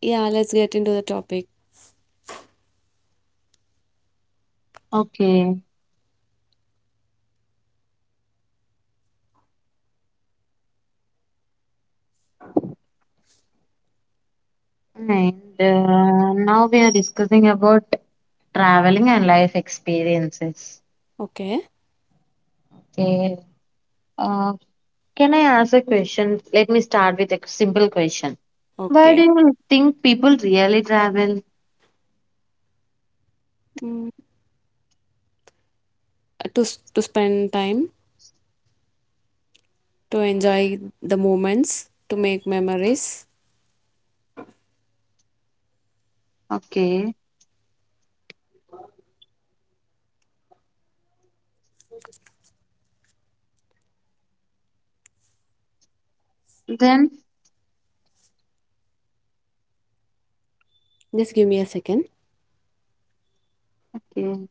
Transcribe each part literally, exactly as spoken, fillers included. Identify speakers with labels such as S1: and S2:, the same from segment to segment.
S1: Yeah, let's get into the topic.
S2: Okay. And uh, now we are discussing about traveling and life experiences.
S1: Okay.
S2: Okay. Uh, can I ask a question? Let me start with a simple question. Why
S1: Okay.
S2: do you think people really travel?
S1: Mm, to s- to spend time, to enjoy the moments, to make memories.
S2: Okay. Then,
S1: Just give me a second.
S2: okay.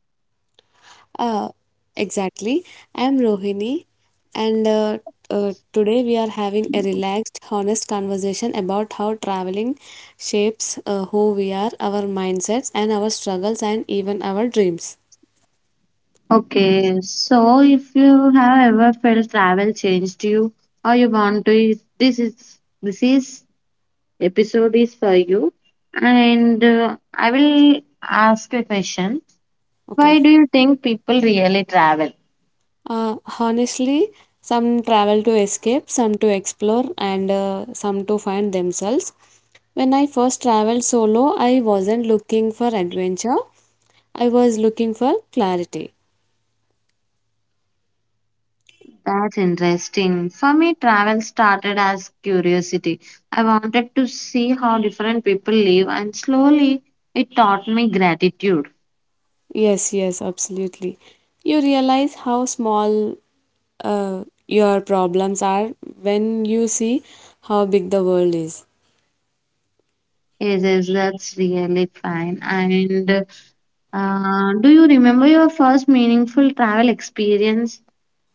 S1: Uh, exactly. I'm Rohini, and uh, uh, today we are having a relaxed, honest conversation about how traveling shapes uh, who we are, our mindsets, and our struggles, and even our dreams.
S2: Okay. So, if you have ever felt travel changed you, or you want to, this is this is episode is for you. And uh, I will ask a question. Why
S1: Okay.
S2: do you think people really travel?
S1: Uh, honestly, some travel to escape, some to explore, and uh, some to find themselves. When I first traveled solo, I wasn't looking for adventure, I was looking for clarity.
S2: That's interesting. For me, travel started as curiosity. I wanted to see how different people live, and slowly it taught me gratitude.
S1: Yes, yes, absolutely. You realize how small uh, your problems are when you see how big the world is.
S2: Yes, yes, that's really fine. And uh, do you remember your first meaningful travel experience?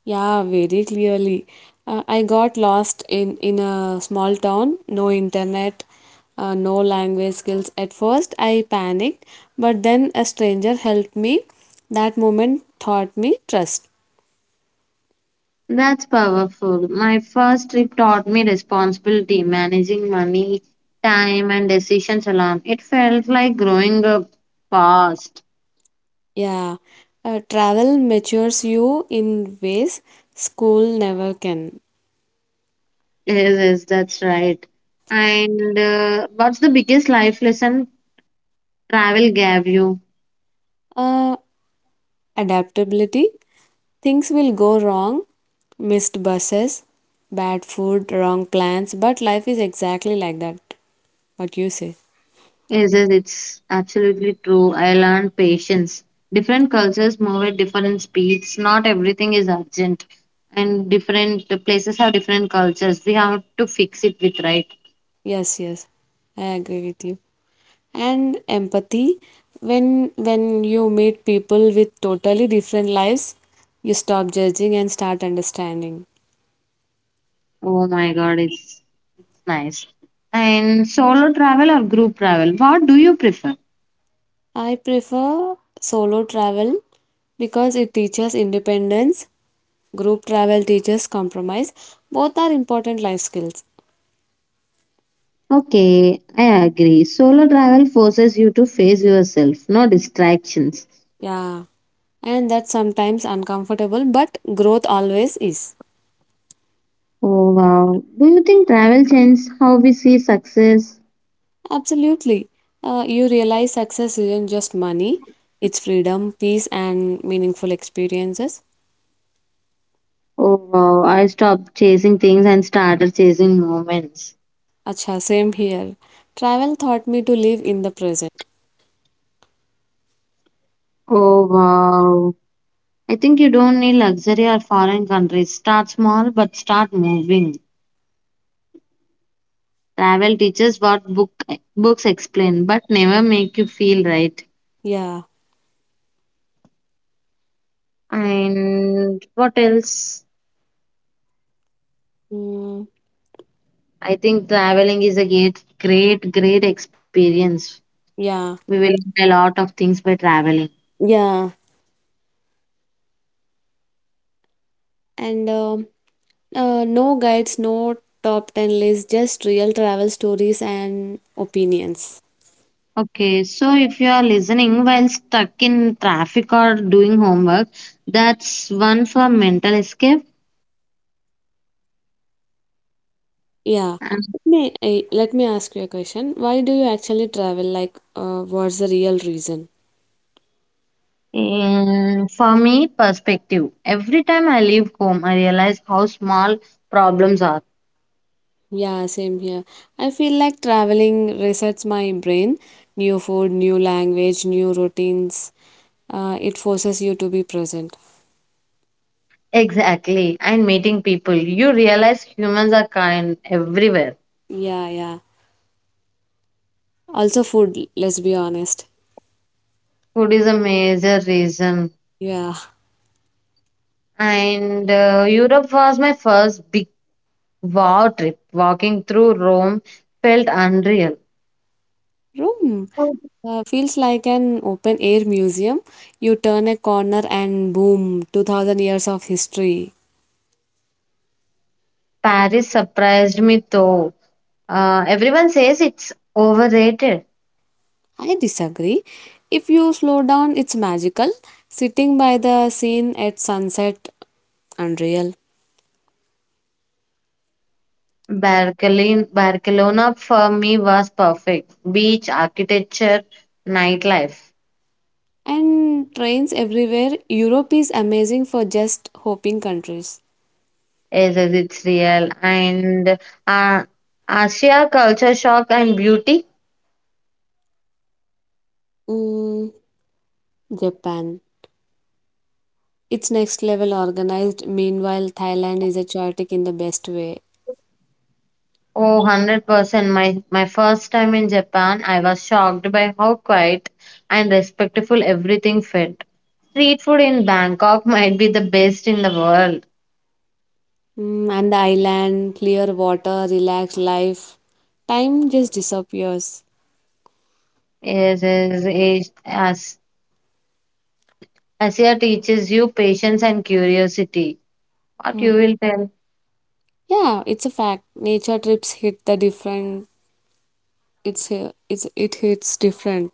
S1: Yeah, very clearly. Uh, I got lost in in a small town, no internet, uh, no language skills. At first, I panicked, but then a stranger helped me. That moment taught me trust.
S2: That's powerful. My first trip taught me responsibility, managing money, time, and decisions alone. It felt like growing up fast.
S1: Yeah, uh, travel matures you in ways school never can.
S2: Yes, yes, that's right. And uh, what's the biggest life lesson travel gave you?
S1: Uh, Adaptability. Things will go wrong, missed buses, bad food, wrong plans, but life is exactly like that. What you say?
S2: Yes, yes, it's absolutely true. I learned patience. Different cultures move at different speeds. Not everything is urgent, and different places have different cultures. We have to fix it with right.
S1: Yes, yes, I agree with you. And empathy, when when you meet people with totally different lives, you stop judging and start understanding.
S2: Oh my God, it's nice. And solo travel or group travel? What do you prefer?
S1: I prefer solo travel because it teaches independence. Group travel teaches compromise. Both are important life skills.
S2: Okay, I agree. Solo travel forces you to face yourself, no distractions.
S1: Yeah, and that's sometimes uncomfortable, but growth always is.
S2: Oh wow. Do you think travel changed how we see success?
S1: Absolutely. Uh, you realize success isn't just money, it's freedom, peace, and meaningful experiences.
S2: Oh wow. I stopped chasing things and started chasing moments.
S1: Acha, same here. Travel taught me to live in the present.
S2: Oh wow. I think you don't need luxury or foreign countries. Start small but start moving. Travel teaches what book books explain, but never make you feel right.
S1: Yeah.
S2: And what else?
S1: Mm,
S2: I think traveling is a great, great, great experience. We
S1: yeah.
S2: will learn a lot of things by traveling.
S1: Yeah. And um uh, no guides, no top ten lists, just real travel stories and opinions.
S2: Okay, so if you are listening while stuck in traffic or doing homework, that's one for mental escape.
S1: Yeah.
S2: And
S1: Let me, eh, let me ask you a question. Why do you actually travel? Like, uh, what's the real reason?
S2: for me, perspective. Every time I leave home, I realize how small problems are.
S1: Yeah, same here. I feel like traveling resets my brain. New food, new language, new routines. Uh, it forces you to be present.
S2: Exactly. And meeting people, you realize humans are kind everywhere.
S1: Yeah, yeah. Also, food, let's be honest.
S2: Food is a major reason.
S1: Yeah.
S2: And uh, Europe was my first big wow trip. Walking through Rome felt unreal.
S1: Room uh, feels like an open air museum. You turn a corner and boom, two thousand years of history.
S2: Paris surprised me though. Uh, everyone says it's overrated.
S1: I disagree. If you slow down, it's magical. Sitting by the scene at sunset, unreal.
S2: Barcelona, Barcelona for me was perfect. Beach, architecture, nightlife.
S1: And trains everywhere. Europe is amazing for just hopping countries.
S2: Yes, yes, it's real. And uh, Asia culture shock and beauty.
S1: Mm, Japan. It's next level organized. Meanwhile, Thailand is a chaotic in the best way.
S2: Oh, one hundred percent. My, my first time in Japan, I was shocked by how quiet and respectful everything felt. Street food in Bangkok might be the best in the world.
S1: Mm, and the island, clear water, relaxed life. Time just disappears.
S2: Yes, yes, yes. As Asia teaches you patience and curiosity. What you will tell?
S1: Yeah, it's a fact. Nature trips hit the different. It's it's it hits different.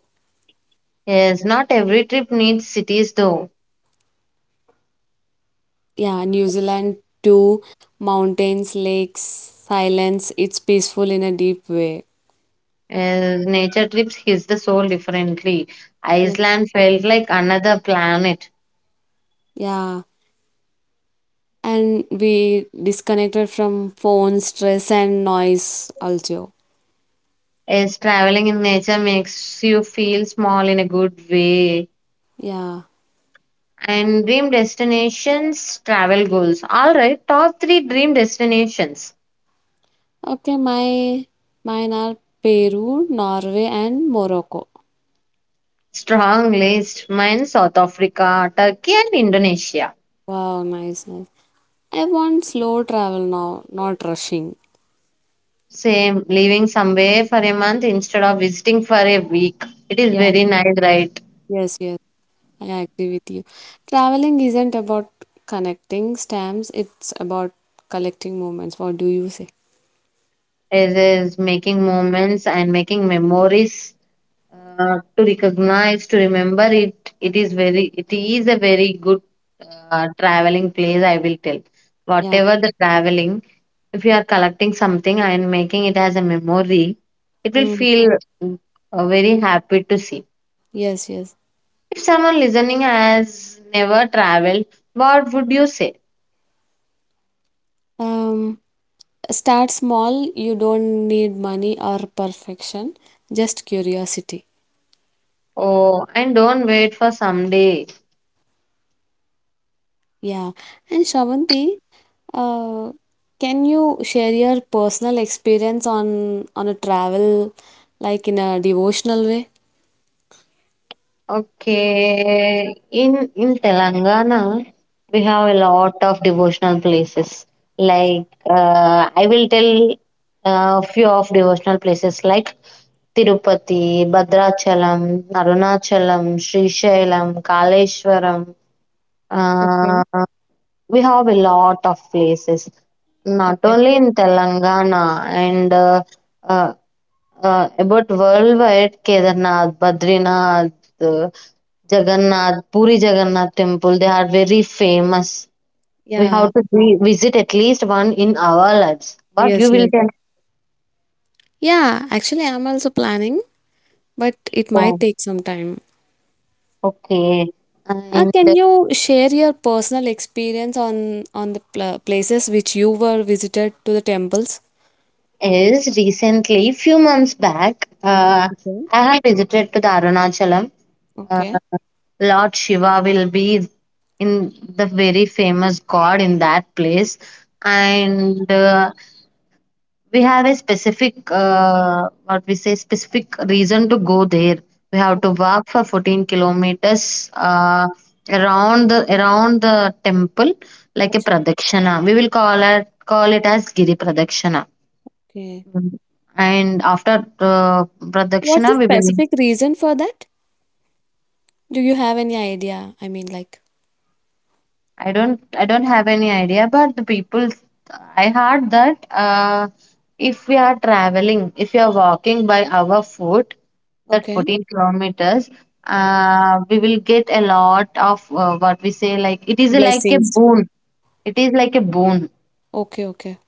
S2: Yes, not every trip needs cities though.
S1: Yeah, New Zealand too. Mountains, lakes, silence. It's peaceful in a deep way.
S2: Yes, nature trips hits the soul differently.
S1: Yeah.
S2: Iceland felt like another planet.
S1: Yeah, and we disconnected from phone stress and noise also.
S2: Yes, traveling in nature makes you feel small in a good way.
S1: Yeah.
S2: And dream destinations, travel goals. All right, top three dream destinations.
S1: Okay, my mine are Peru, Norway, and Morocco.
S2: Strong list. Mine South Africa, Turkey, and Indonesia.
S1: Wow, nice, nice. I want slow travel now, not rushing.
S2: Same, living somewhere for a month instead of visiting for a week. It is
S1: Yeah,
S2: very nice, right?
S1: yes, yes. I agree with you. Traveling isn't about connecting stamps, it's about collecting moments. What do you say?
S2: It is making moments and making memories, uh, to recognize, to remember it. It is very, it is a very good uh, traveling place, I will tell.
S1: Yeah.
S2: Whatever the traveling, if you are collecting something and making it as a memory, it will
S1: Mm,
S2: feel uh, very happy to see.
S1: yes, yes.
S2: If someone listening has never traveled, what would you say?
S1: Um, Start small, you don't need money or perfection, just curiosity.
S2: Oh, and don't wait for someday.
S1: Yeah. And Shravanti, uh, can you share your personal experience on on a travel like in a devotional way?
S2: Okay, in in Telangana, we have a lot of devotional places. Like uh, I will tell a few of devotional places like Tirupati, Bhadrachalam, Arunachalam, Srishailam, Kaleshwaram.
S1: Okay.
S2: Uh, we have a lot of places, not
S1: Okay.
S2: only in Telangana and uh, uh, uh, about worldwide, Kedarnath, Badrinath. Jagannath, Puri Jagannath temple, they are very famous. We
S1: Yeah.
S2: have to vi- visit at least one in our lives. But
S1: Yes,
S2: you will
S1: yes.
S2: get.
S1: Yeah, actually I'm also planning, but it
S2: Oh,
S1: might take some time.
S2: okay.
S1: Uh,
S2: And
S1: can
S2: that
S1: you share your personal experience on on the pla places which you were visited to the temples?
S2: is recently, few months back, uh,
S1: Okay.
S2: I have visited to the Arunachalam. Uh,
S1: Okay.
S2: Lord Shiva will be in the very famous god in that place, and uh, we have a specific, uh, what we say, specific reason to go there. We have to walk for fourteen kilometers, uh, around the around the temple, like a
S1: Okay.
S2: pradakshana. We will call it call it as giri pradakshana.
S1: Okay.
S2: Mhm. And after uh,
S1: What's the
S2: pradakshana we will.
S1: specific reason for that? Do you have any idea? I mean, like,
S2: I don't I don't have any idea, but the people, I heard that uh, if we are traveling, if we are walking by our foot, that
S1: okay.
S2: fourteen kilometers, uh, we will get a lot of, uh, what we say, like it is like a
S1: Blessings.
S2: boon. It is like a boon.
S1: Okay, okay.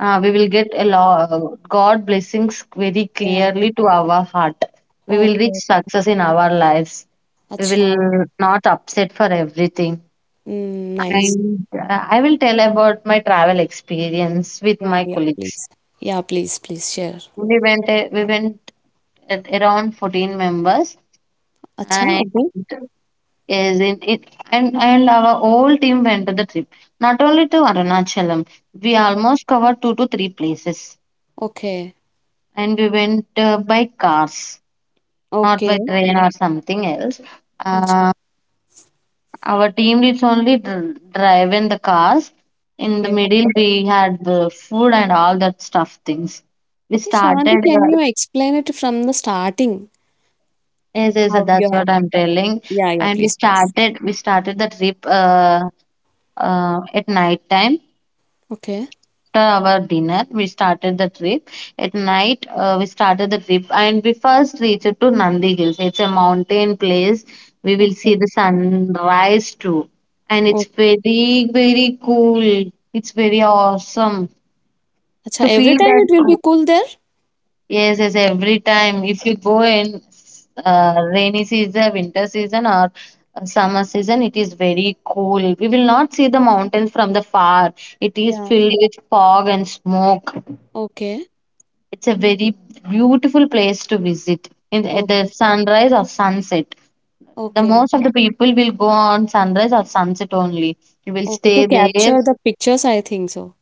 S2: Uh, we will get a lot God blessings very
S1: Yeah.
S2: clearly to our heart. We will reach
S1: Okay.
S2: success in our lives. We
S1: Acha.
S2: will not upset for everything.
S1: Mm, nice.
S2: And uh, I will tell about my travel experience with
S1: Yeah,
S2: my
S1: yeah,
S2: colleagues.
S1: please. Yeah, please, please share.
S2: We went uh, we went at around fourteen members,
S1: Acha,
S2: and
S1: okay.
S2: is in it, and and our whole team went to the trip. Not only to Arunachalam, we
S1: O-
S2: almost covered two to three places,
S1: Okay.
S2: and we went uh, by cars, not by
S1: Okay.
S2: train or something else.
S1: Acha.
S2: Uh, Our team leads only dr- drive the cars. In the
S1: Okay.
S2: middle, we had the food and all that stuff things. We
S1: Okay,
S2: started.
S1: Shravanti, can
S2: Uh,
S1: you explain it from the starting?
S2: yes, yes,
S1: How you
S2: that's
S1: are?
S2: what I'm telling.
S1: Yeah, yeah,
S2: And we
S1: please.
S2: started. We started the trip, uh, uh, at night time.
S1: Okay.
S2: After our dinner, we started the trip. At night, uh, we started the trip and we first reached to Nandi Hills. It's a mountain place. We will
S1: Okay.
S2: see the sunrise too. And it's
S1: Okay.
S2: very, very cool. It's very awesome
S1: Acha,
S2: to
S1: every
S2: feel
S1: time
S2: that
S1: it will be
S2: cool.
S1: cool there?
S2: Yes, yes, every time. If you go in uh, rainy season, winter season, or uh, summer season, it is very cool. We will not see the mountains from the far. It is
S1: Yeah.
S2: filled with fog and smoke.
S1: Okay.
S2: It's a very beautiful place to visit in at the
S1: Okay.
S2: sunrise or sunset. The
S1: Okay.
S2: most of the people will go on sunrise or sunset only. You will
S1: Okay, to
S2: stay there
S1: capture the pictures, I think so.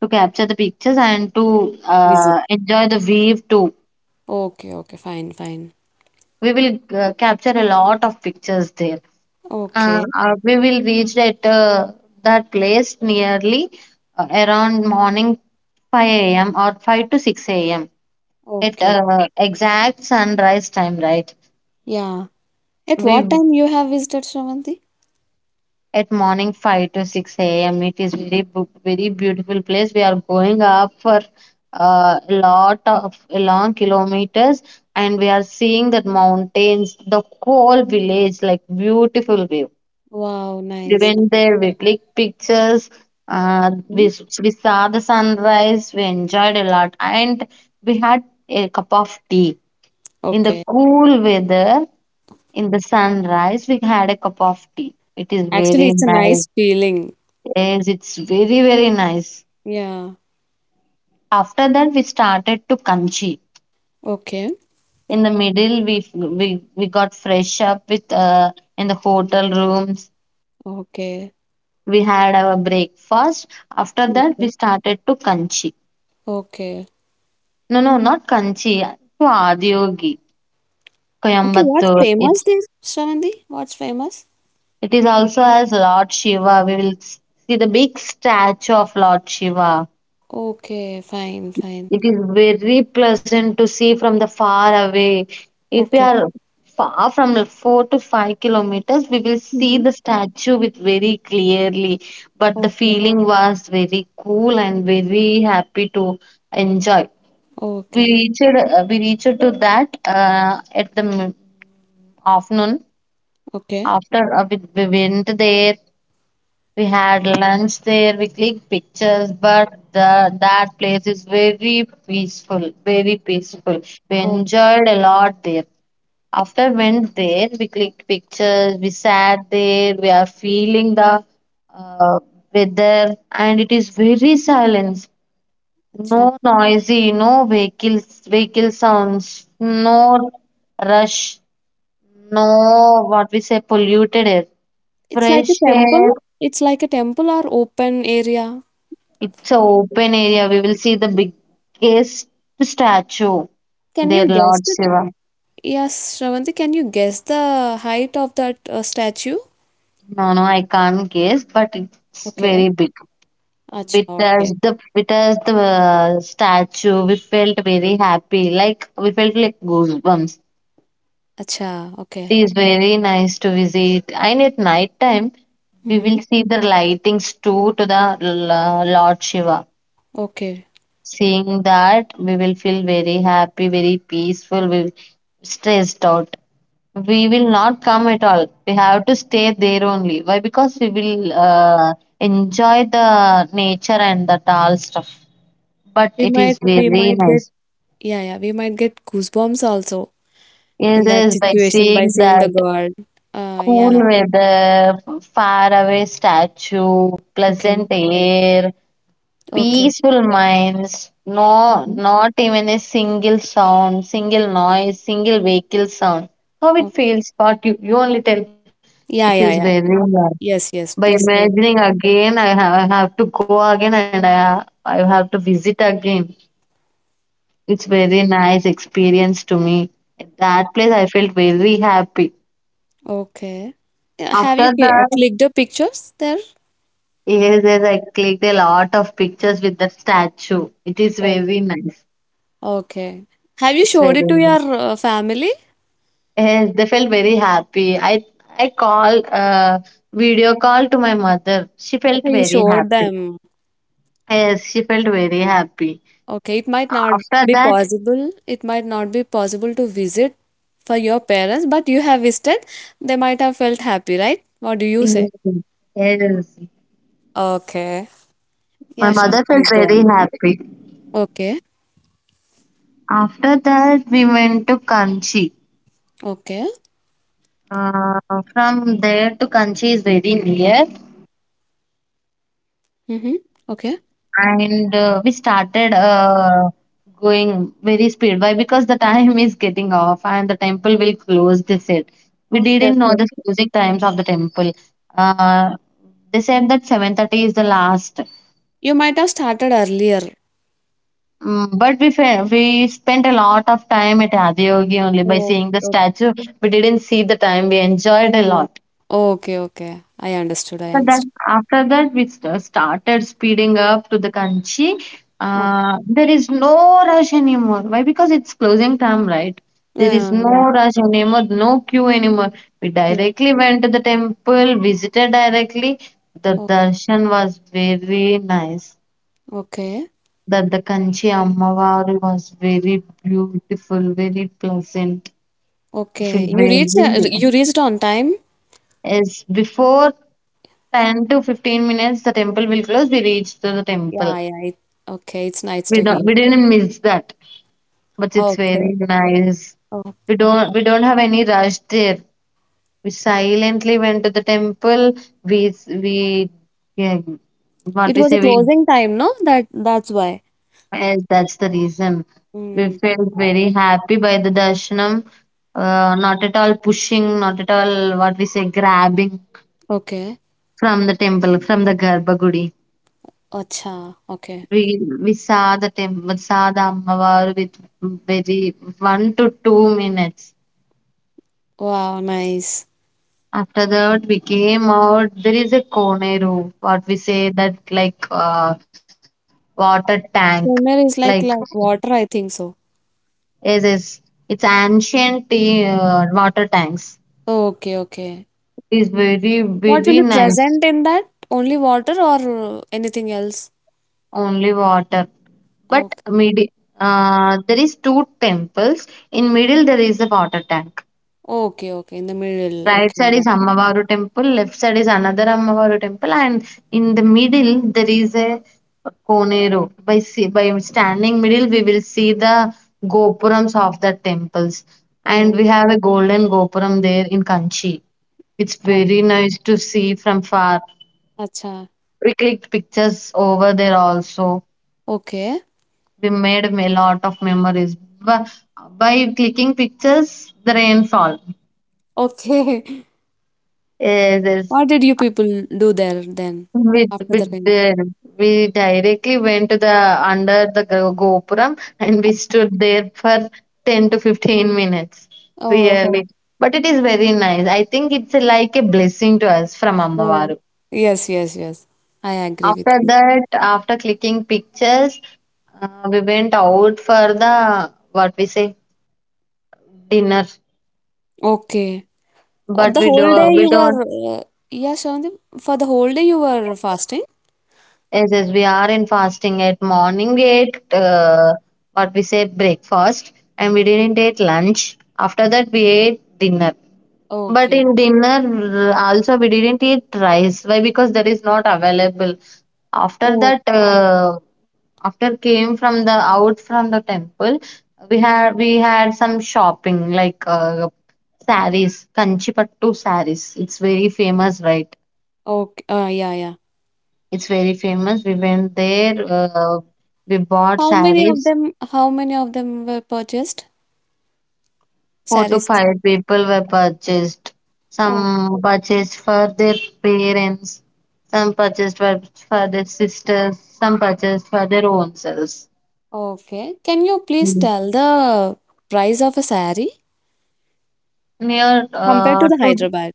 S2: to capture the pictures and to
S1: Visit.
S2: uh, enjoy the view too.
S1: Okay, okay, fine, fine.
S2: We will uh, capture a lot of pictures there. Uh,
S1: Okay,
S2: uh, we will reach at uh, that place nearly uh, around morning five a m or five to six a m, at
S1: okay.
S2: uh, exact sunrise time, right?
S1: Yeah. At what
S2: We
S1: time you have visited Shravanti?
S2: at morning five to six a m. It is very bu- very beautiful place. We are going up for uh, a lot of long kilometers, and we are seeing that mountains, the whole village, like beautiful view.
S1: Wow,
S2: We
S1: nice.
S2: went there, we clicked pictures, uh,
S1: Nice.
S2: we, we saw the sunrise, we enjoyed a lot, and we had a cup of tea. In the
S1: Okay.
S2: cool weather, in the sunrise, we had a cup of tea. It is
S1: Actually,
S2: very
S1: it's a
S2: nice.
S1: nice feeling.
S2: Yes, it's very, very nice.
S1: Yeah.
S2: After that, we started to Kanchi.
S1: Okay.
S2: In the middle, we we, we got fresh up with, uh, in the hotel rooms.
S1: Okay.
S2: We had our breakfast. After
S1: Mm.
S2: that, we started to Kanchi.
S1: Okay.
S2: No, no, not Kanchi. To Adiyogi,
S1: Okay, what's
S2: Coimbatore.
S1: famous
S2: It's
S1: there, Shravanti? What's famous?
S2: it is also as Lord Shiva. We will see the big statue of Lord Shiva.
S1: Okay, fine, fine.
S2: It is very pleasant to see from the far away. If we
S1: Okay.
S2: are far from the four to five kilometers, we will see
S1: Mm-hmm.
S2: the statue with very clearly. But the
S1: Okay.
S2: feeling was very cool and very happy to enjoy. We
S1: Okay.
S2: reached uh, we reached to that, uh, at the m- afternoon.
S1: Okay.
S2: After uh, we, we went there, we had lunch there, we clicked pictures, but the, that place is very peaceful, very peaceful. We enjoyed a lot there. After went there, we clicked pictures, we sat there, we are feeling the uh, weather, and it is very silence.
S1: Okay.
S2: No noisy, no vehicles, vehicle sounds, no rush, no what we say polluted air,
S1: It's like a
S2: fresh
S1: temple.
S2: air.
S1: It's like a temple or open area.
S2: It's an open area. We will see the biggest statue
S1: Can
S2: there,
S1: you guess
S2: Lord
S1: the.
S2: Shiva.
S1: Yes, Shravanti, can you guess the height of that uh, statue?
S2: No, no, I can't guess, but it's
S1: Okay.
S2: very big.
S1: Acha,
S2: With us,
S1: okay.
S2: the with us, the uh, statue, we felt very happy. Like we felt like goosebumps.
S1: Acha, okay.
S2: It is very nice to visit. And at night time, we
S1: Mm-hmm.
S2: will see the lightings too to the L- Lord Shiva.
S1: Okay.
S2: Seeing that, we will feel very happy, very peaceful. We will stressed out. We will not come at all. We have to stay there only. Why? Because we will uh, enjoy the nature and the all stuff. But
S1: We
S2: it
S1: might
S2: is
S1: we
S2: very
S1: might get
S2: nice.
S1: Yeah, yeah, we might get goosebumps also
S2: Yes,
S1: in that
S2: yes, by
S1: situation by
S2: seeing
S1: seeing the
S2: that
S1: god. Uh
S2: cool
S1: yeah.
S2: weather, far away statue,
S1: Okay.
S2: pleasant air,
S1: Okay.
S2: peaceful minds, no,
S1: Mm-hmm.
S2: not even a single sound, single noise, single vehicle sound. How it
S1: Oh,
S2: feels, what you, you only tell. It feels
S1: yeah,
S2: very
S1: yeah, yeah.
S2: nice.
S1: Yes,
S2: By
S1: yes, peaceful.
S2: imagining again, I, ha- I have to go again, and I, I have to visit again. It's very nice experience to me. At that place, I felt very happy.
S1: Okay. Yeah, have you
S2: After
S1: cl-
S2: that,
S1: clicked the pictures there?
S2: yes, yes, I clicked a lot of pictures with that statue. It is very nice.
S1: Okay. Have you
S2: It's
S1: showed
S2: very
S1: it to
S2: nice.
S1: your uh, family?
S2: Yes, they felt very happy. I I call, uh, video call to my mother. She felt
S1: Okay, you
S2: very
S1: showed
S2: happy.
S1: them.
S2: Yes, she felt very happy.
S1: Okay, it might not
S2: After
S1: be
S2: that,
S1: possible. It might not be possible to visit for your parents, but you have visited. They might have felt happy, right? What do you say?
S2: yes, yes,
S1: Okay.
S2: my
S1: Yeah, Shanti,
S2: mother felt
S1: please go
S2: very
S1: on.
S2: happy.
S1: Okay.
S2: After that, we went to Kanchi.
S1: Okay.
S2: Uh, from there to Kanchi is very near.
S1: Mm-hmm. Okay.
S2: and uh, we started uh, going very speed. Why? Because the time is getting off and the temple will close, they said. We
S1: Okay.
S2: didn't know
S1: Okay.
S2: the closing times of the temple. Uh, they said that seven thirty is the last.
S1: You might have started earlier.
S2: Mm, but we fe- we spent a lot of time at Adiyogi only by
S1: Oh,
S2: seeing the
S1: okay.
S2: statue. We didn't see the time. We enjoyed a
S1: Oh.
S2: lot.
S1: Okay. Okay. I understood. I
S2: But
S1: understood.
S2: then after that we st- started speeding up to the Kanchi. Uh, there is no rush anymore. Why? Because it's closing time, right?
S1: Okay.
S2: There is
S1: Uh,
S2: no
S1: yeah.
S2: rush anymore, no queue anymore. We
S1: Yeah.
S2: directly went to the temple, visited directly. The
S1: O-
S2: darshan was very nice.
S1: Okay.
S2: That the Kanchi Ammavari was very beautiful, very pleasant. I feel
S1: Okay, you
S2: very
S1: reached uh, you reached on time?
S2: yes. Before ten to fifteen minutes, the temple will close. We reached to the temple.
S1: Yeah, yeah. It, okay, it's nice
S2: We
S1: to
S2: don't,
S1: hear.
S2: we didn't miss that. But it's
S1: Okay.
S2: very nice.
S1: Oh.
S2: We don't, we don't have any rush there. We silently went to the temple. We, s- we, yeah, what
S1: It
S2: we
S1: was a
S2: say, we,
S1: closing time, no? That that's why.
S2: eh, that's the reason. We
S1: Mm.
S2: felt very happy by the darshanam. Uh, not at all pushing, not at all what we say grabbing
S1: Okay.
S2: from the temple, from the Garbhagudi.
S1: Acha. Okay.
S2: We we saw the temple. We saw the Ammavaru with very one to two minutes.
S1: Wow, nice.
S2: After that, we came out. There is a Koneru, what we say that like uh, water tank,
S1: Kuner
S2: like
S1: is like like water, I think so.
S2: yes, yes. It's ancient uh, water tanks.
S1: Okay, okay.
S2: It is very
S1: What
S2: very
S1: will be
S2: nice.
S1: present in that? Only water or uh, anything else?
S2: Only water, but
S1: Okay.
S2: mid uh, there is two temples. In middle there is a water tank.
S1: Okay, okay. In the middle.
S2: Right side
S1: Okay.
S2: is Ammavaru temple, left side is another Ammavaru temple, and in the middle there is a Koneru. By see, by standing middle, we will see the gopurams of the temples,
S1: Oh,
S2: and we have a golden gopuram there in Kanchi. It's
S1: a-
S2: very nice to see from far.
S1: acha.
S2: We clicked pictures over there also.
S1: Okay.
S2: We made a lot of memories. By, by clicking pictures, the rainfall.
S1: Okay.
S2: Yes, yes.
S1: What did you people do there then
S2: We
S1: after
S2: we
S1: the time?
S2: did. We directly went to the under the go- gopuram and we stood there for ten to fifteen minutes.
S1: Oh, ho-
S2: Really. But it is very nice. I think it's a- like a blessing to us from
S1: oh.
S2: Ambavaru.
S1: Yes, yes, yes. I agree with
S2: After
S1: you.
S2: that, after clicking pictures, uh, we went out for the what we say dinner.
S1: Okay. Uh,
S2: But
S1: The
S2: we do
S1: whole day
S2: we
S1: you
S2: don't
S1: were, uh, yeah, Shavandi, for the whole day you were fasting?
S2: Yes, yes, we are in fasting at morning. We ate uh, what we say breakfast and we didn't eat lunch. After that, we ate dinner. But
S1: Okay.
S2: in dinner, uh, also, we didn't eat rice. Why? Because that is not available. After
S1: Oh,
S2: that, uh, after came from the out from the temple, we had we had some shopping like uh, saris, kanchi pattu saris. It's very famous, right?
S1: okay. Uh, yeah, yeah.
S2: It's very famous. We went there. Uh, we bought
S1: How many of
S2: sarees.
S1: them, how many of them were purchased?
S2: Four to
S1: Saris.
S2: five people were purchased.
S1: Oh,
S2: Some purchased for their parents. Some purchased for, for their sisters. Some purchased for their own selves.
S1: okay. Can you please
S2: Mm.
S1: tell the price of a sari
S2: Near
S1: compared to
S2: uh,
S1: the
S2: to
S1: Hyderabad?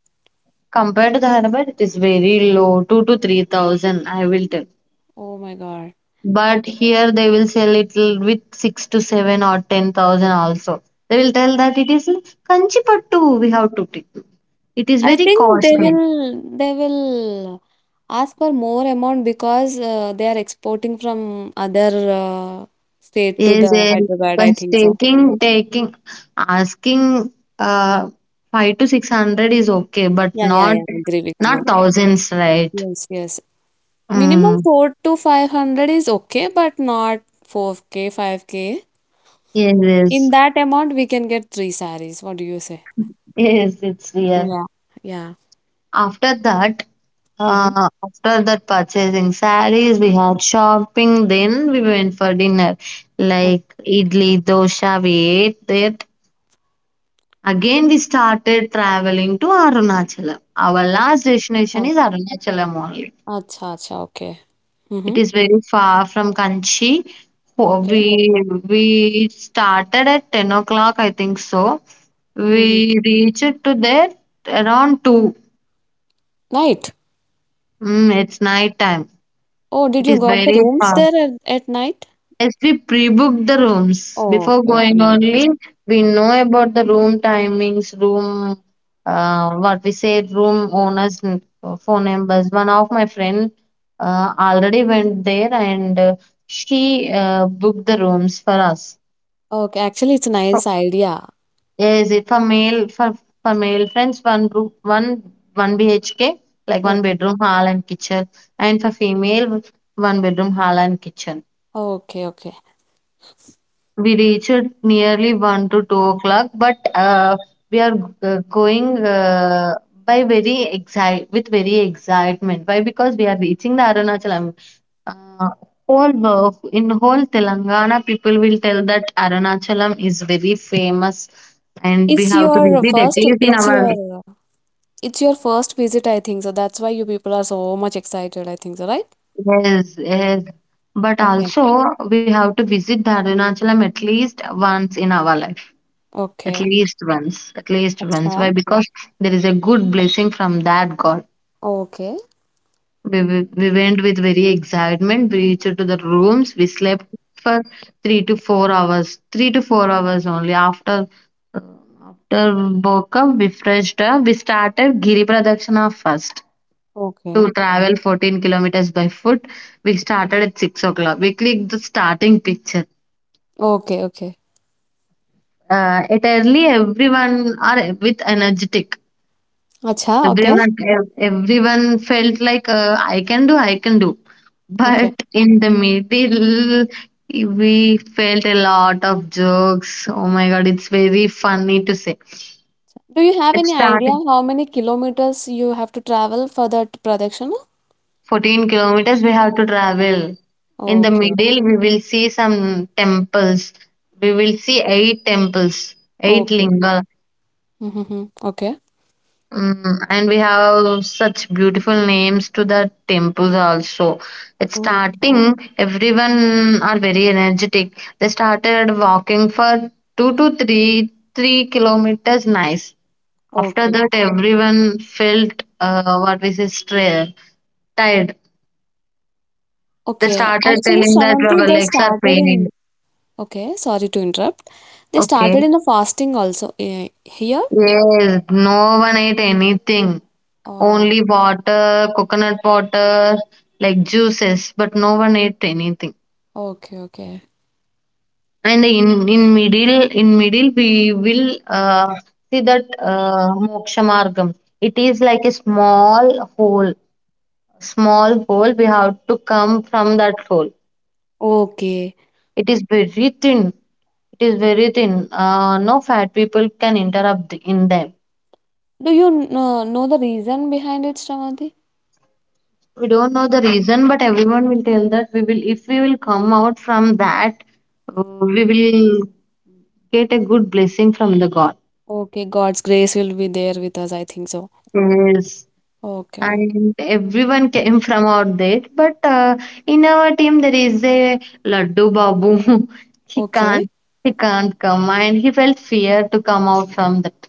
S2: Compared to the Hyderabad, it is very low, two to three thousand. I will tell.
S1: Oh my God.
S2: But here they will sell it l- with six to seven or ten thousand also. They will tell that it is kanchi pattu. We have to take. It is
S1: I
S2: very
S1: think they
S2: costly.
S1: will they will ask for more amount because uh, they are exporting from other uh, state to
S2: Is
S1: the
S2: a
S1: Hyderabad,
S2: but
S1: I think so.
S2: taking taking asking uh five to six hundred is okay, but
S1: Yeah, yeah,
S2: not
S1: yeah, I agree with you.
S2: not thousands, right?
S1: Yes, yes. Minimum
S2: Mm.
S1: four to five hundred is okay, but not four K, five K.
S2: Yes,
S1: In
S2: yes,
S1: that amount, we can get three sarees. What do you say?
S2: yes, it's real.
S1: Yeah, yeah.
S2: After that,
S1: Mm-hmm.
S2: uh, after that purchasing sarees, we had shopping. Then we went for dinner, like idli, dosa. We ate there. Again, we started traveling to Arunachalam. Our last destination
S1: Okay.
S2: is Arunachalam only.
S1: Acha, acha, okay.
S2: It
S1: Mm-hmm.
S2: is very far from Kanchi. Ho-
S1: Okay.
S2: We we started at ten o'clock, I think so.
S1: Mm-hmm.
S2: We reached to there around two.
S1: Night.
S2: Mm, it's night time.
S1: Oh, did
S2: It
S1: you
S2: is
S1: got the
S2: very
S1: rooms
S2: far.
S1: there at, at night?
S2: Yes, we pre book the rooms.
S1: Oh,
S2: Before
S1: okay, okay,
S2: going
S1: nice.
S2: only, we know about the room timings, room, uh, what we say, room owners, n- phone numbers. One of my friend uh, already went there and uh, she uh, booked the rooms for us.
S1: Okay, actually, it's a
S2: For-
S1: nice idea.
S2: Yes, it for male for for male friends one room one one B H K like one
S1: Okay,
S2: bedroom hall and kitchen, and for female one bedroom hall and kitchen.
S1: okay, okay.
S2: We reached nearly one to two o'clock, but uh, we are uh, going uh, by very excite with very excitement. Why? Because we are reaching the Arunachalam. Uh, whole wo- in whole Telangana, people will tell that Arunachalam is very famous, and we
S1: It's
S2: have to
S1: your uh,
S2: visit at
S1: first,
S2: least in
S1: it's
S2: our
S1: your, uh, it's your first visit, I think. So that's why you people are so much excited, I think so, right?
S2: yes yes. But
S1: Okay,
S2: also we have to visit the Arunachalam at least once in our life. At
S1: okay.
S2: least once at least once
S1: Acha,
S2: why because there is a good blessing from that god.
S1: okay,
S2: We, we, we went with very excitement. We reached to the rooms. We slept for three to four hours three to four hours only. After uh, after woke up we freshed up. We started giri pradakshina first to
S1: okay,
S2: travel fourteen kilometers by foot. We started at six o'clock. We clicked the starting picture.
S1: okay, okay.
S2: Uh, at early everyone are with energetic.
S1: Acha, okay,
S2: Everyone, ev- everyone felt like uh, I can do, I can do.
S1: okay.
S2: But in the middle, we felt a lot of jokes. Oh my God, it's very funny to say.
S1: Do you have
S2: Let's
S1: any
S2: start
S1: idea how many kilometers you have to travel for that production?
S2: fourteen kilometers we have to travel. In the
S1: Okay,
S2: middle, we will see some temples. We will see eight temples, eight
S1: okay.
S2: linga.
S1: Mm-hmm, okay.
S2: Mm, and we have such beautiful names to the temples also. It's
S1: Mm,
S2: starting, everyone are very energetic. They started walking for two to three three kilometers. Nice. After
S1: okay.
S2: that, everyone felt uh, what we say stra- tired. They
S1: Okay.
S2: started
S1: Actually,
S2: telling that
S1: Shravanti,
S2: our
S1: they
S2: legs are
S1: started
S2: paining.
S1: in. Okay, sorry to interrupt. They
S2: Okay,
S1: started in a fasting also eh, here.
S2: yes, no one ate anything.
S1: Oh,
S2: Only water, coconut water, like juices, but no one ate anything.
S1: okay, okay.
S2: And in in middle in middle we will uh, see that uh, moksha margam. It is like a small hole, small hole. We have to come from that hole.
S1: Okay.
S2: It is very thin. It is very thin. Uh, no fat people can interrupt in them.
S1: Do you know, know the reason behind it, Shravati?
S2: We don't know the reason, but everyone will tell that we will, if we will come out from that, uh, we will get a good blessing from the God.
S1: Okay, God's grace will be there with us. I think so.
S2: Yes,
S1: Okay.
S2: and everyone came from out there, but uh, in our team there is a Laddu Babu. He
S1: Okay.
S2: can't, he can't come, and he felt fear to come out from that.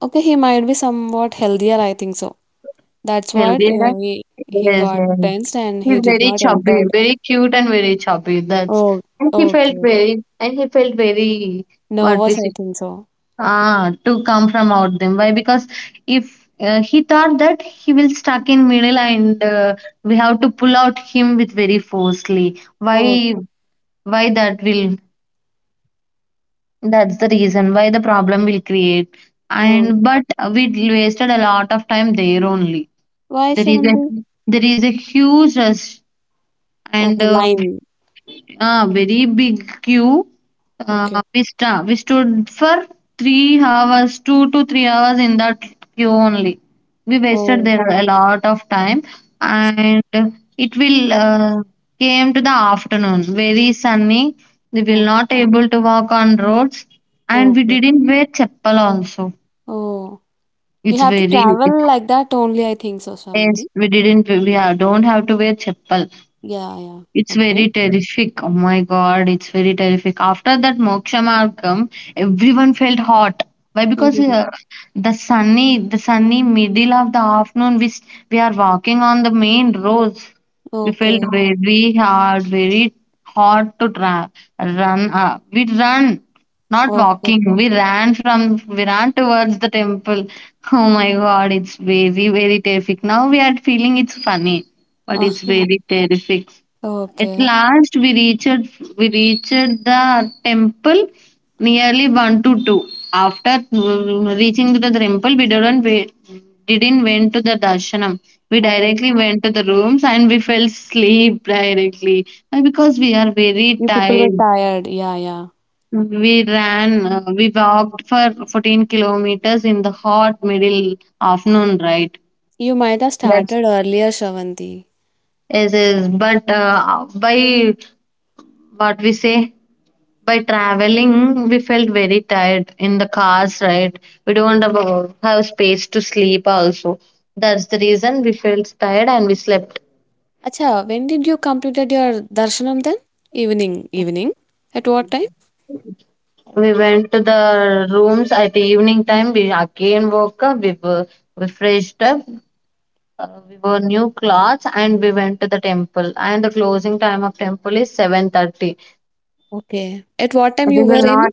S1: Okay, he might be somewhat healthier. I think so. That's what,
S2: Healthier,
S1: yeah, he he
S2: yes,
S1: got
S2: yes.
S1: tensed and he
S2: He's
S1: did
S2: very
S1: not
S2: chubby,
S1: enter.
S2: very cute and very chubby. That's
S1: Oh,
S2: and he felt
S1: okay.
S2: very and he felt very what we
S1: Nervous. I
S2: say
S1: think so.
S2: ah, to come from out them. Why? Because if uh, he thought that he will stuck in middle and uh, we have to pull out him with very forcefully.
S1: Oh,
S2: Why? Why that will? That's the reason why the problem will create.
S1: oh.
S2: And but we wasted a lot of time there only.
S1: Why,
S2: There is a
S1: Shravati?
S2: there is a huge rush and
S1: Okay,
S2: uh,
S1: line.
S2: ah, very big queue.
S1: Okay.
S2: Uh, we sta we stood for three hours, two to three hours in that queue only. We wasted
S1: Oh.
S2: there a lot of time, and it will uh, came to the afternoon, very sunny. We will not able to walk on roads, and we
S1: Okay.
S2: didn't wear chappal also.
S1: Oh, you
S2: It's
S1: have to
S2: very
S1: travel like that only, I think so, Shravanti.
S2: yes, we didn't we have, don't have to wear chappal.
S1: Yeah, yeah.
S2: It's
S1: Okay.
S2: very terrific. Oh my god, it's very terrific. After that Moksha Margam, everyone felt hot. Why? Because
S1: Mm-hmm.
S2: uh, the sunny, the sunny middle of the afternoon, we s- we are walking on the main roads. We felt
S1: Okay.
S2: very hard, very hot to tra- run. Uh, we run, not
S1: Okay.
S2: walking. We ran from, we ran towards the temple. Oh my god, it's very very terrific. Now we are feeling it's funny, but
S1: Ah,
S2: it's very terrific. At
S1: okay.
S2: last we reached we reached the temple nearly one to two. After mm, reaching to the temple, we didn't wait, didn't went to the darshanam. We
S1: Okay.
S2: directly went to the rooms and we fell asleep directly. Why? Because we are very
S1: You people were
S2: tired.
S1: tired. Yeah, yeah.
S2: We ran, uh, we walked for fourteen kilometers in the hot middle afternoon, right?
S1: You might have
S2: That's
S1: started earlier, Shravanti.
S2: yes, yes. But uh, by what we say by traveling, we felt very tired in the cars, right? We don't have a- have space to sleep also. That's the reason we felt tired and we slept.
S1: Acha, when did you completed your darshanam then? Evening. Evening. At what time?
S2: We went to the rooms at the evening time. We again woke up. We were we freshed up. Uh, we wore new clothes and we went to the temple. And the closing time of temple is seven thirty.
S1: Okay. At what time
S2: We
S1: you were
S2: will
S1: in?
S2: not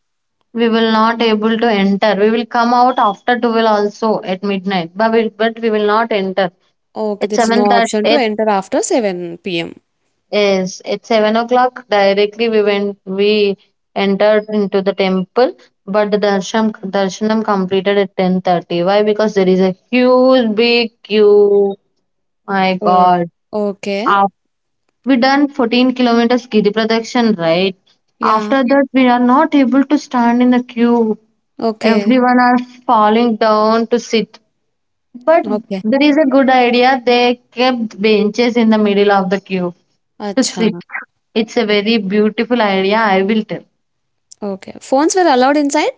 S2: we will not able to enter. We will come out after twelve also at midnight. But we, but we will not enter.
S1: Okay,
S2: At
S1: there is
S2: seven
S1: no
S2: that
S1: option to
S2: it
S1: enter after seven p m.
S2: is at seven o'clock directly we went we entered into the temple, but the darshan darshanam completed at ten thirty. Why? Because there is a huge big queue. My
S1: Oh,
S2: God.
S1: okay.
S2: Af- we done fourteen kilometers Giri Protection, right?
S1: Yeah.
S2: After that we are not able to stand in the queue.
S1: Okay.
S2: Everyone are falling down to sit. But
S1: Okay.
S2: there is a good idea. They kept benches in the middle of the queue to
S1: Acha.
S2: sit. It's a very beautiful idea, I will tell.
S1: Okay. Phones were allowed inside?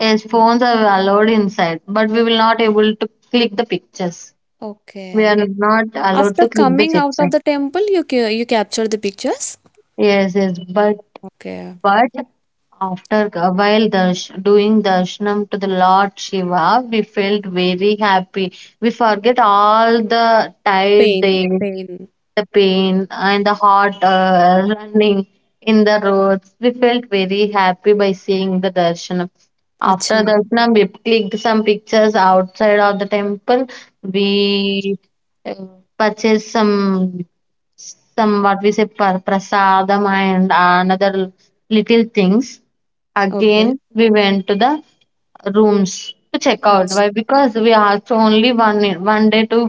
S2: Yes, phones are allowed inside, but we will not able to click the pictures. We are
S1: Okay.
S2: not allowed
S1: After
S2: to click the
S1: coming out
S2: picture.
S1: of the temple, you ca you captured the pictures?
S2: Yes, yes, but
S1: Okay.
S2: but after a while darsh, doing darshanam to the Lord Shiva, we felt very happy. We forget all the tired
S1: Pain,
S2: days
S1: pain.
S2: the pain and the heart uh, running in the roads. We felt very happy by seeing the darshanam.
S1: Acha.
S2: After darshanam, we clicked some pictures outside of the temple. We uh, purchased some some what we say pra- prasadam and another little things.
S1: Okay.
S2: Again, we went to the rooms to check out.
S1: Ach
S2: Why? Because we asked only one one day to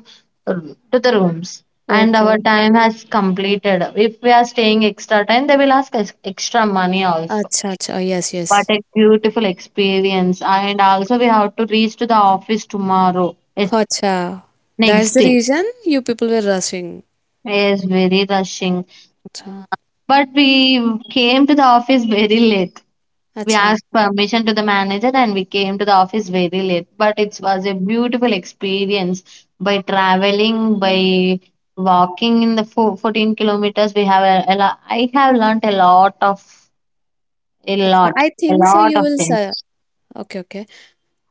S2: to the rooms, and our
S1: Okay.
S2: time has completed. If we are staying extra time, they will ask us extra money also.
S1: Acha, acha. Yes,
S2: What
S1: yes.
S2: a beautiful experience! And also, we have to reach to the office tomorrow. Yes,
S1: Acha.
S2: next
S1: That's the
S2: day.
S1: reason you people were rushing.
S2: Yes, very rushing.
S1: Acha.
S2: But we came to the office very late. We
S1: Acha.
S2: asked permission to the manager and we came to the office very late. But it was a beautiful experience by traveling, by walking in the fo- fourteen kilometers. We have a, a lo- I have learnt a lot of a
S1: Acha.
S2: lot,
S1: I
S2: a
S1: think so
S2: lot
S1: you
S2: of
S1: will su
S2: things.
S1: okay, okay.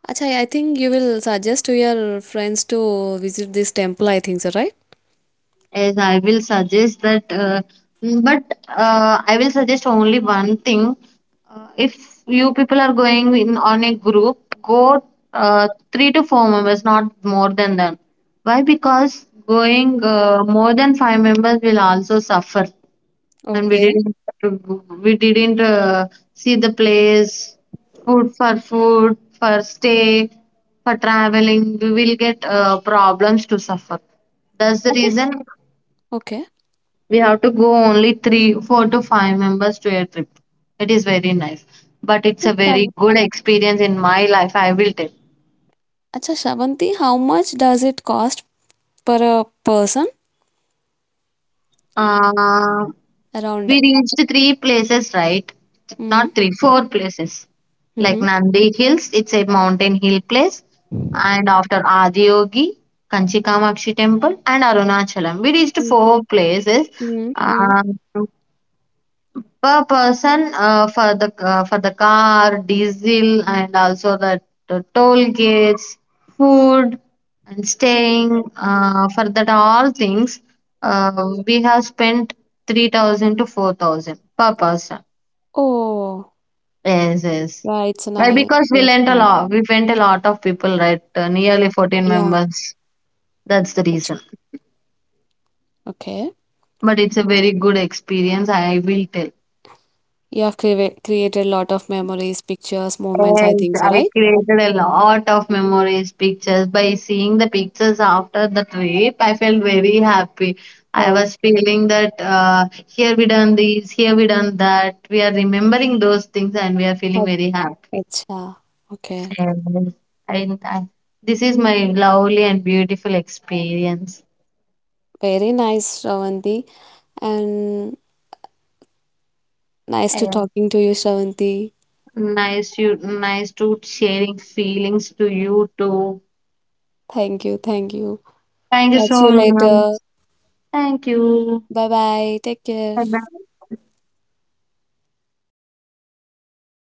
S1: Acha, I think you will suggest to your friends to visit this temple, I think so, right?
S2: Yes, I will suggest that, uh, but uh, I will suggest only one thing. Uh, if you people are going in on a group, go uh, three to four members, not more than that. Why? Because going uh, more than five members will also suffer, and we
S1: Okay.
S2: didn't we didn't uh, see the place, food for food, for stay, for traveling. We will get uh, problems to suffer. That's the reason
S1: Okay.
S2: we have to go only three, four to five members to a trip. It is very nice, but it's a
S1: Okay.
S2: very good experience in my life. I will tell.
S1: Acha, Shravanti, how much does it cost per a person?
S2: Uh, we
S1: Around.
S2: reached three places, right?
S1: Mm,
S2: Not three, four places. Like
S1: mm-hmm.
S2: Nandi Hills, it's a mountain hill place. And after Adiyogi, Kanchi Kamakshi temple and Arunachalam. We reached
S1: Mm,
S2: four places.
S1: mm,
S2: Uh,
S1: mm.
S2: Per person uh, for the uh, for the car, diesel, and also the, the toll gates, food, and staying uh, for that all things, uh, we have spent three thousand to four thousand per person.
S1: Oh,
S2: Yes, yes.
S1: yeah, it's a
S2: Why?
S1: nice.
S2: Because we lent a lot. We went a lot of people, right? Uh, nearly fourteen
S1: Yeah,
S2: members. That's the reason.
S1: okay.
S2: But it's a very good experience. I will tell.
S1: You have cre created a lot of memories, pictures, moments, I
S2: Yes,
S1: think so,
S2: I
S1: right?
S2: created a lot of memories, pictures. By seeing the pictures after the trip, I felt very happy. I
S1: Oh,
S2: was feeling that uh, here we done this, here we done that. We are remembering those things and we are feeling
S1: ach-
S2: very happy.
S1: acha. Okay.
S2: Yes. I, I, this is my lovely and beautiful experience.
S1: Very nice, Shravanti. And nice to
S2: Yes.
S1: talking to you, Shravanti.
S2: Nice you, nice to sharing feelings to you too.
S1: Thank you, thank you.
S2: Thank you
S1: Catch
S2: so
S1: you
S2: much.
S1: later.
S2: Thank you.
S1: Bye bye. Take care.
S2: Bye bye.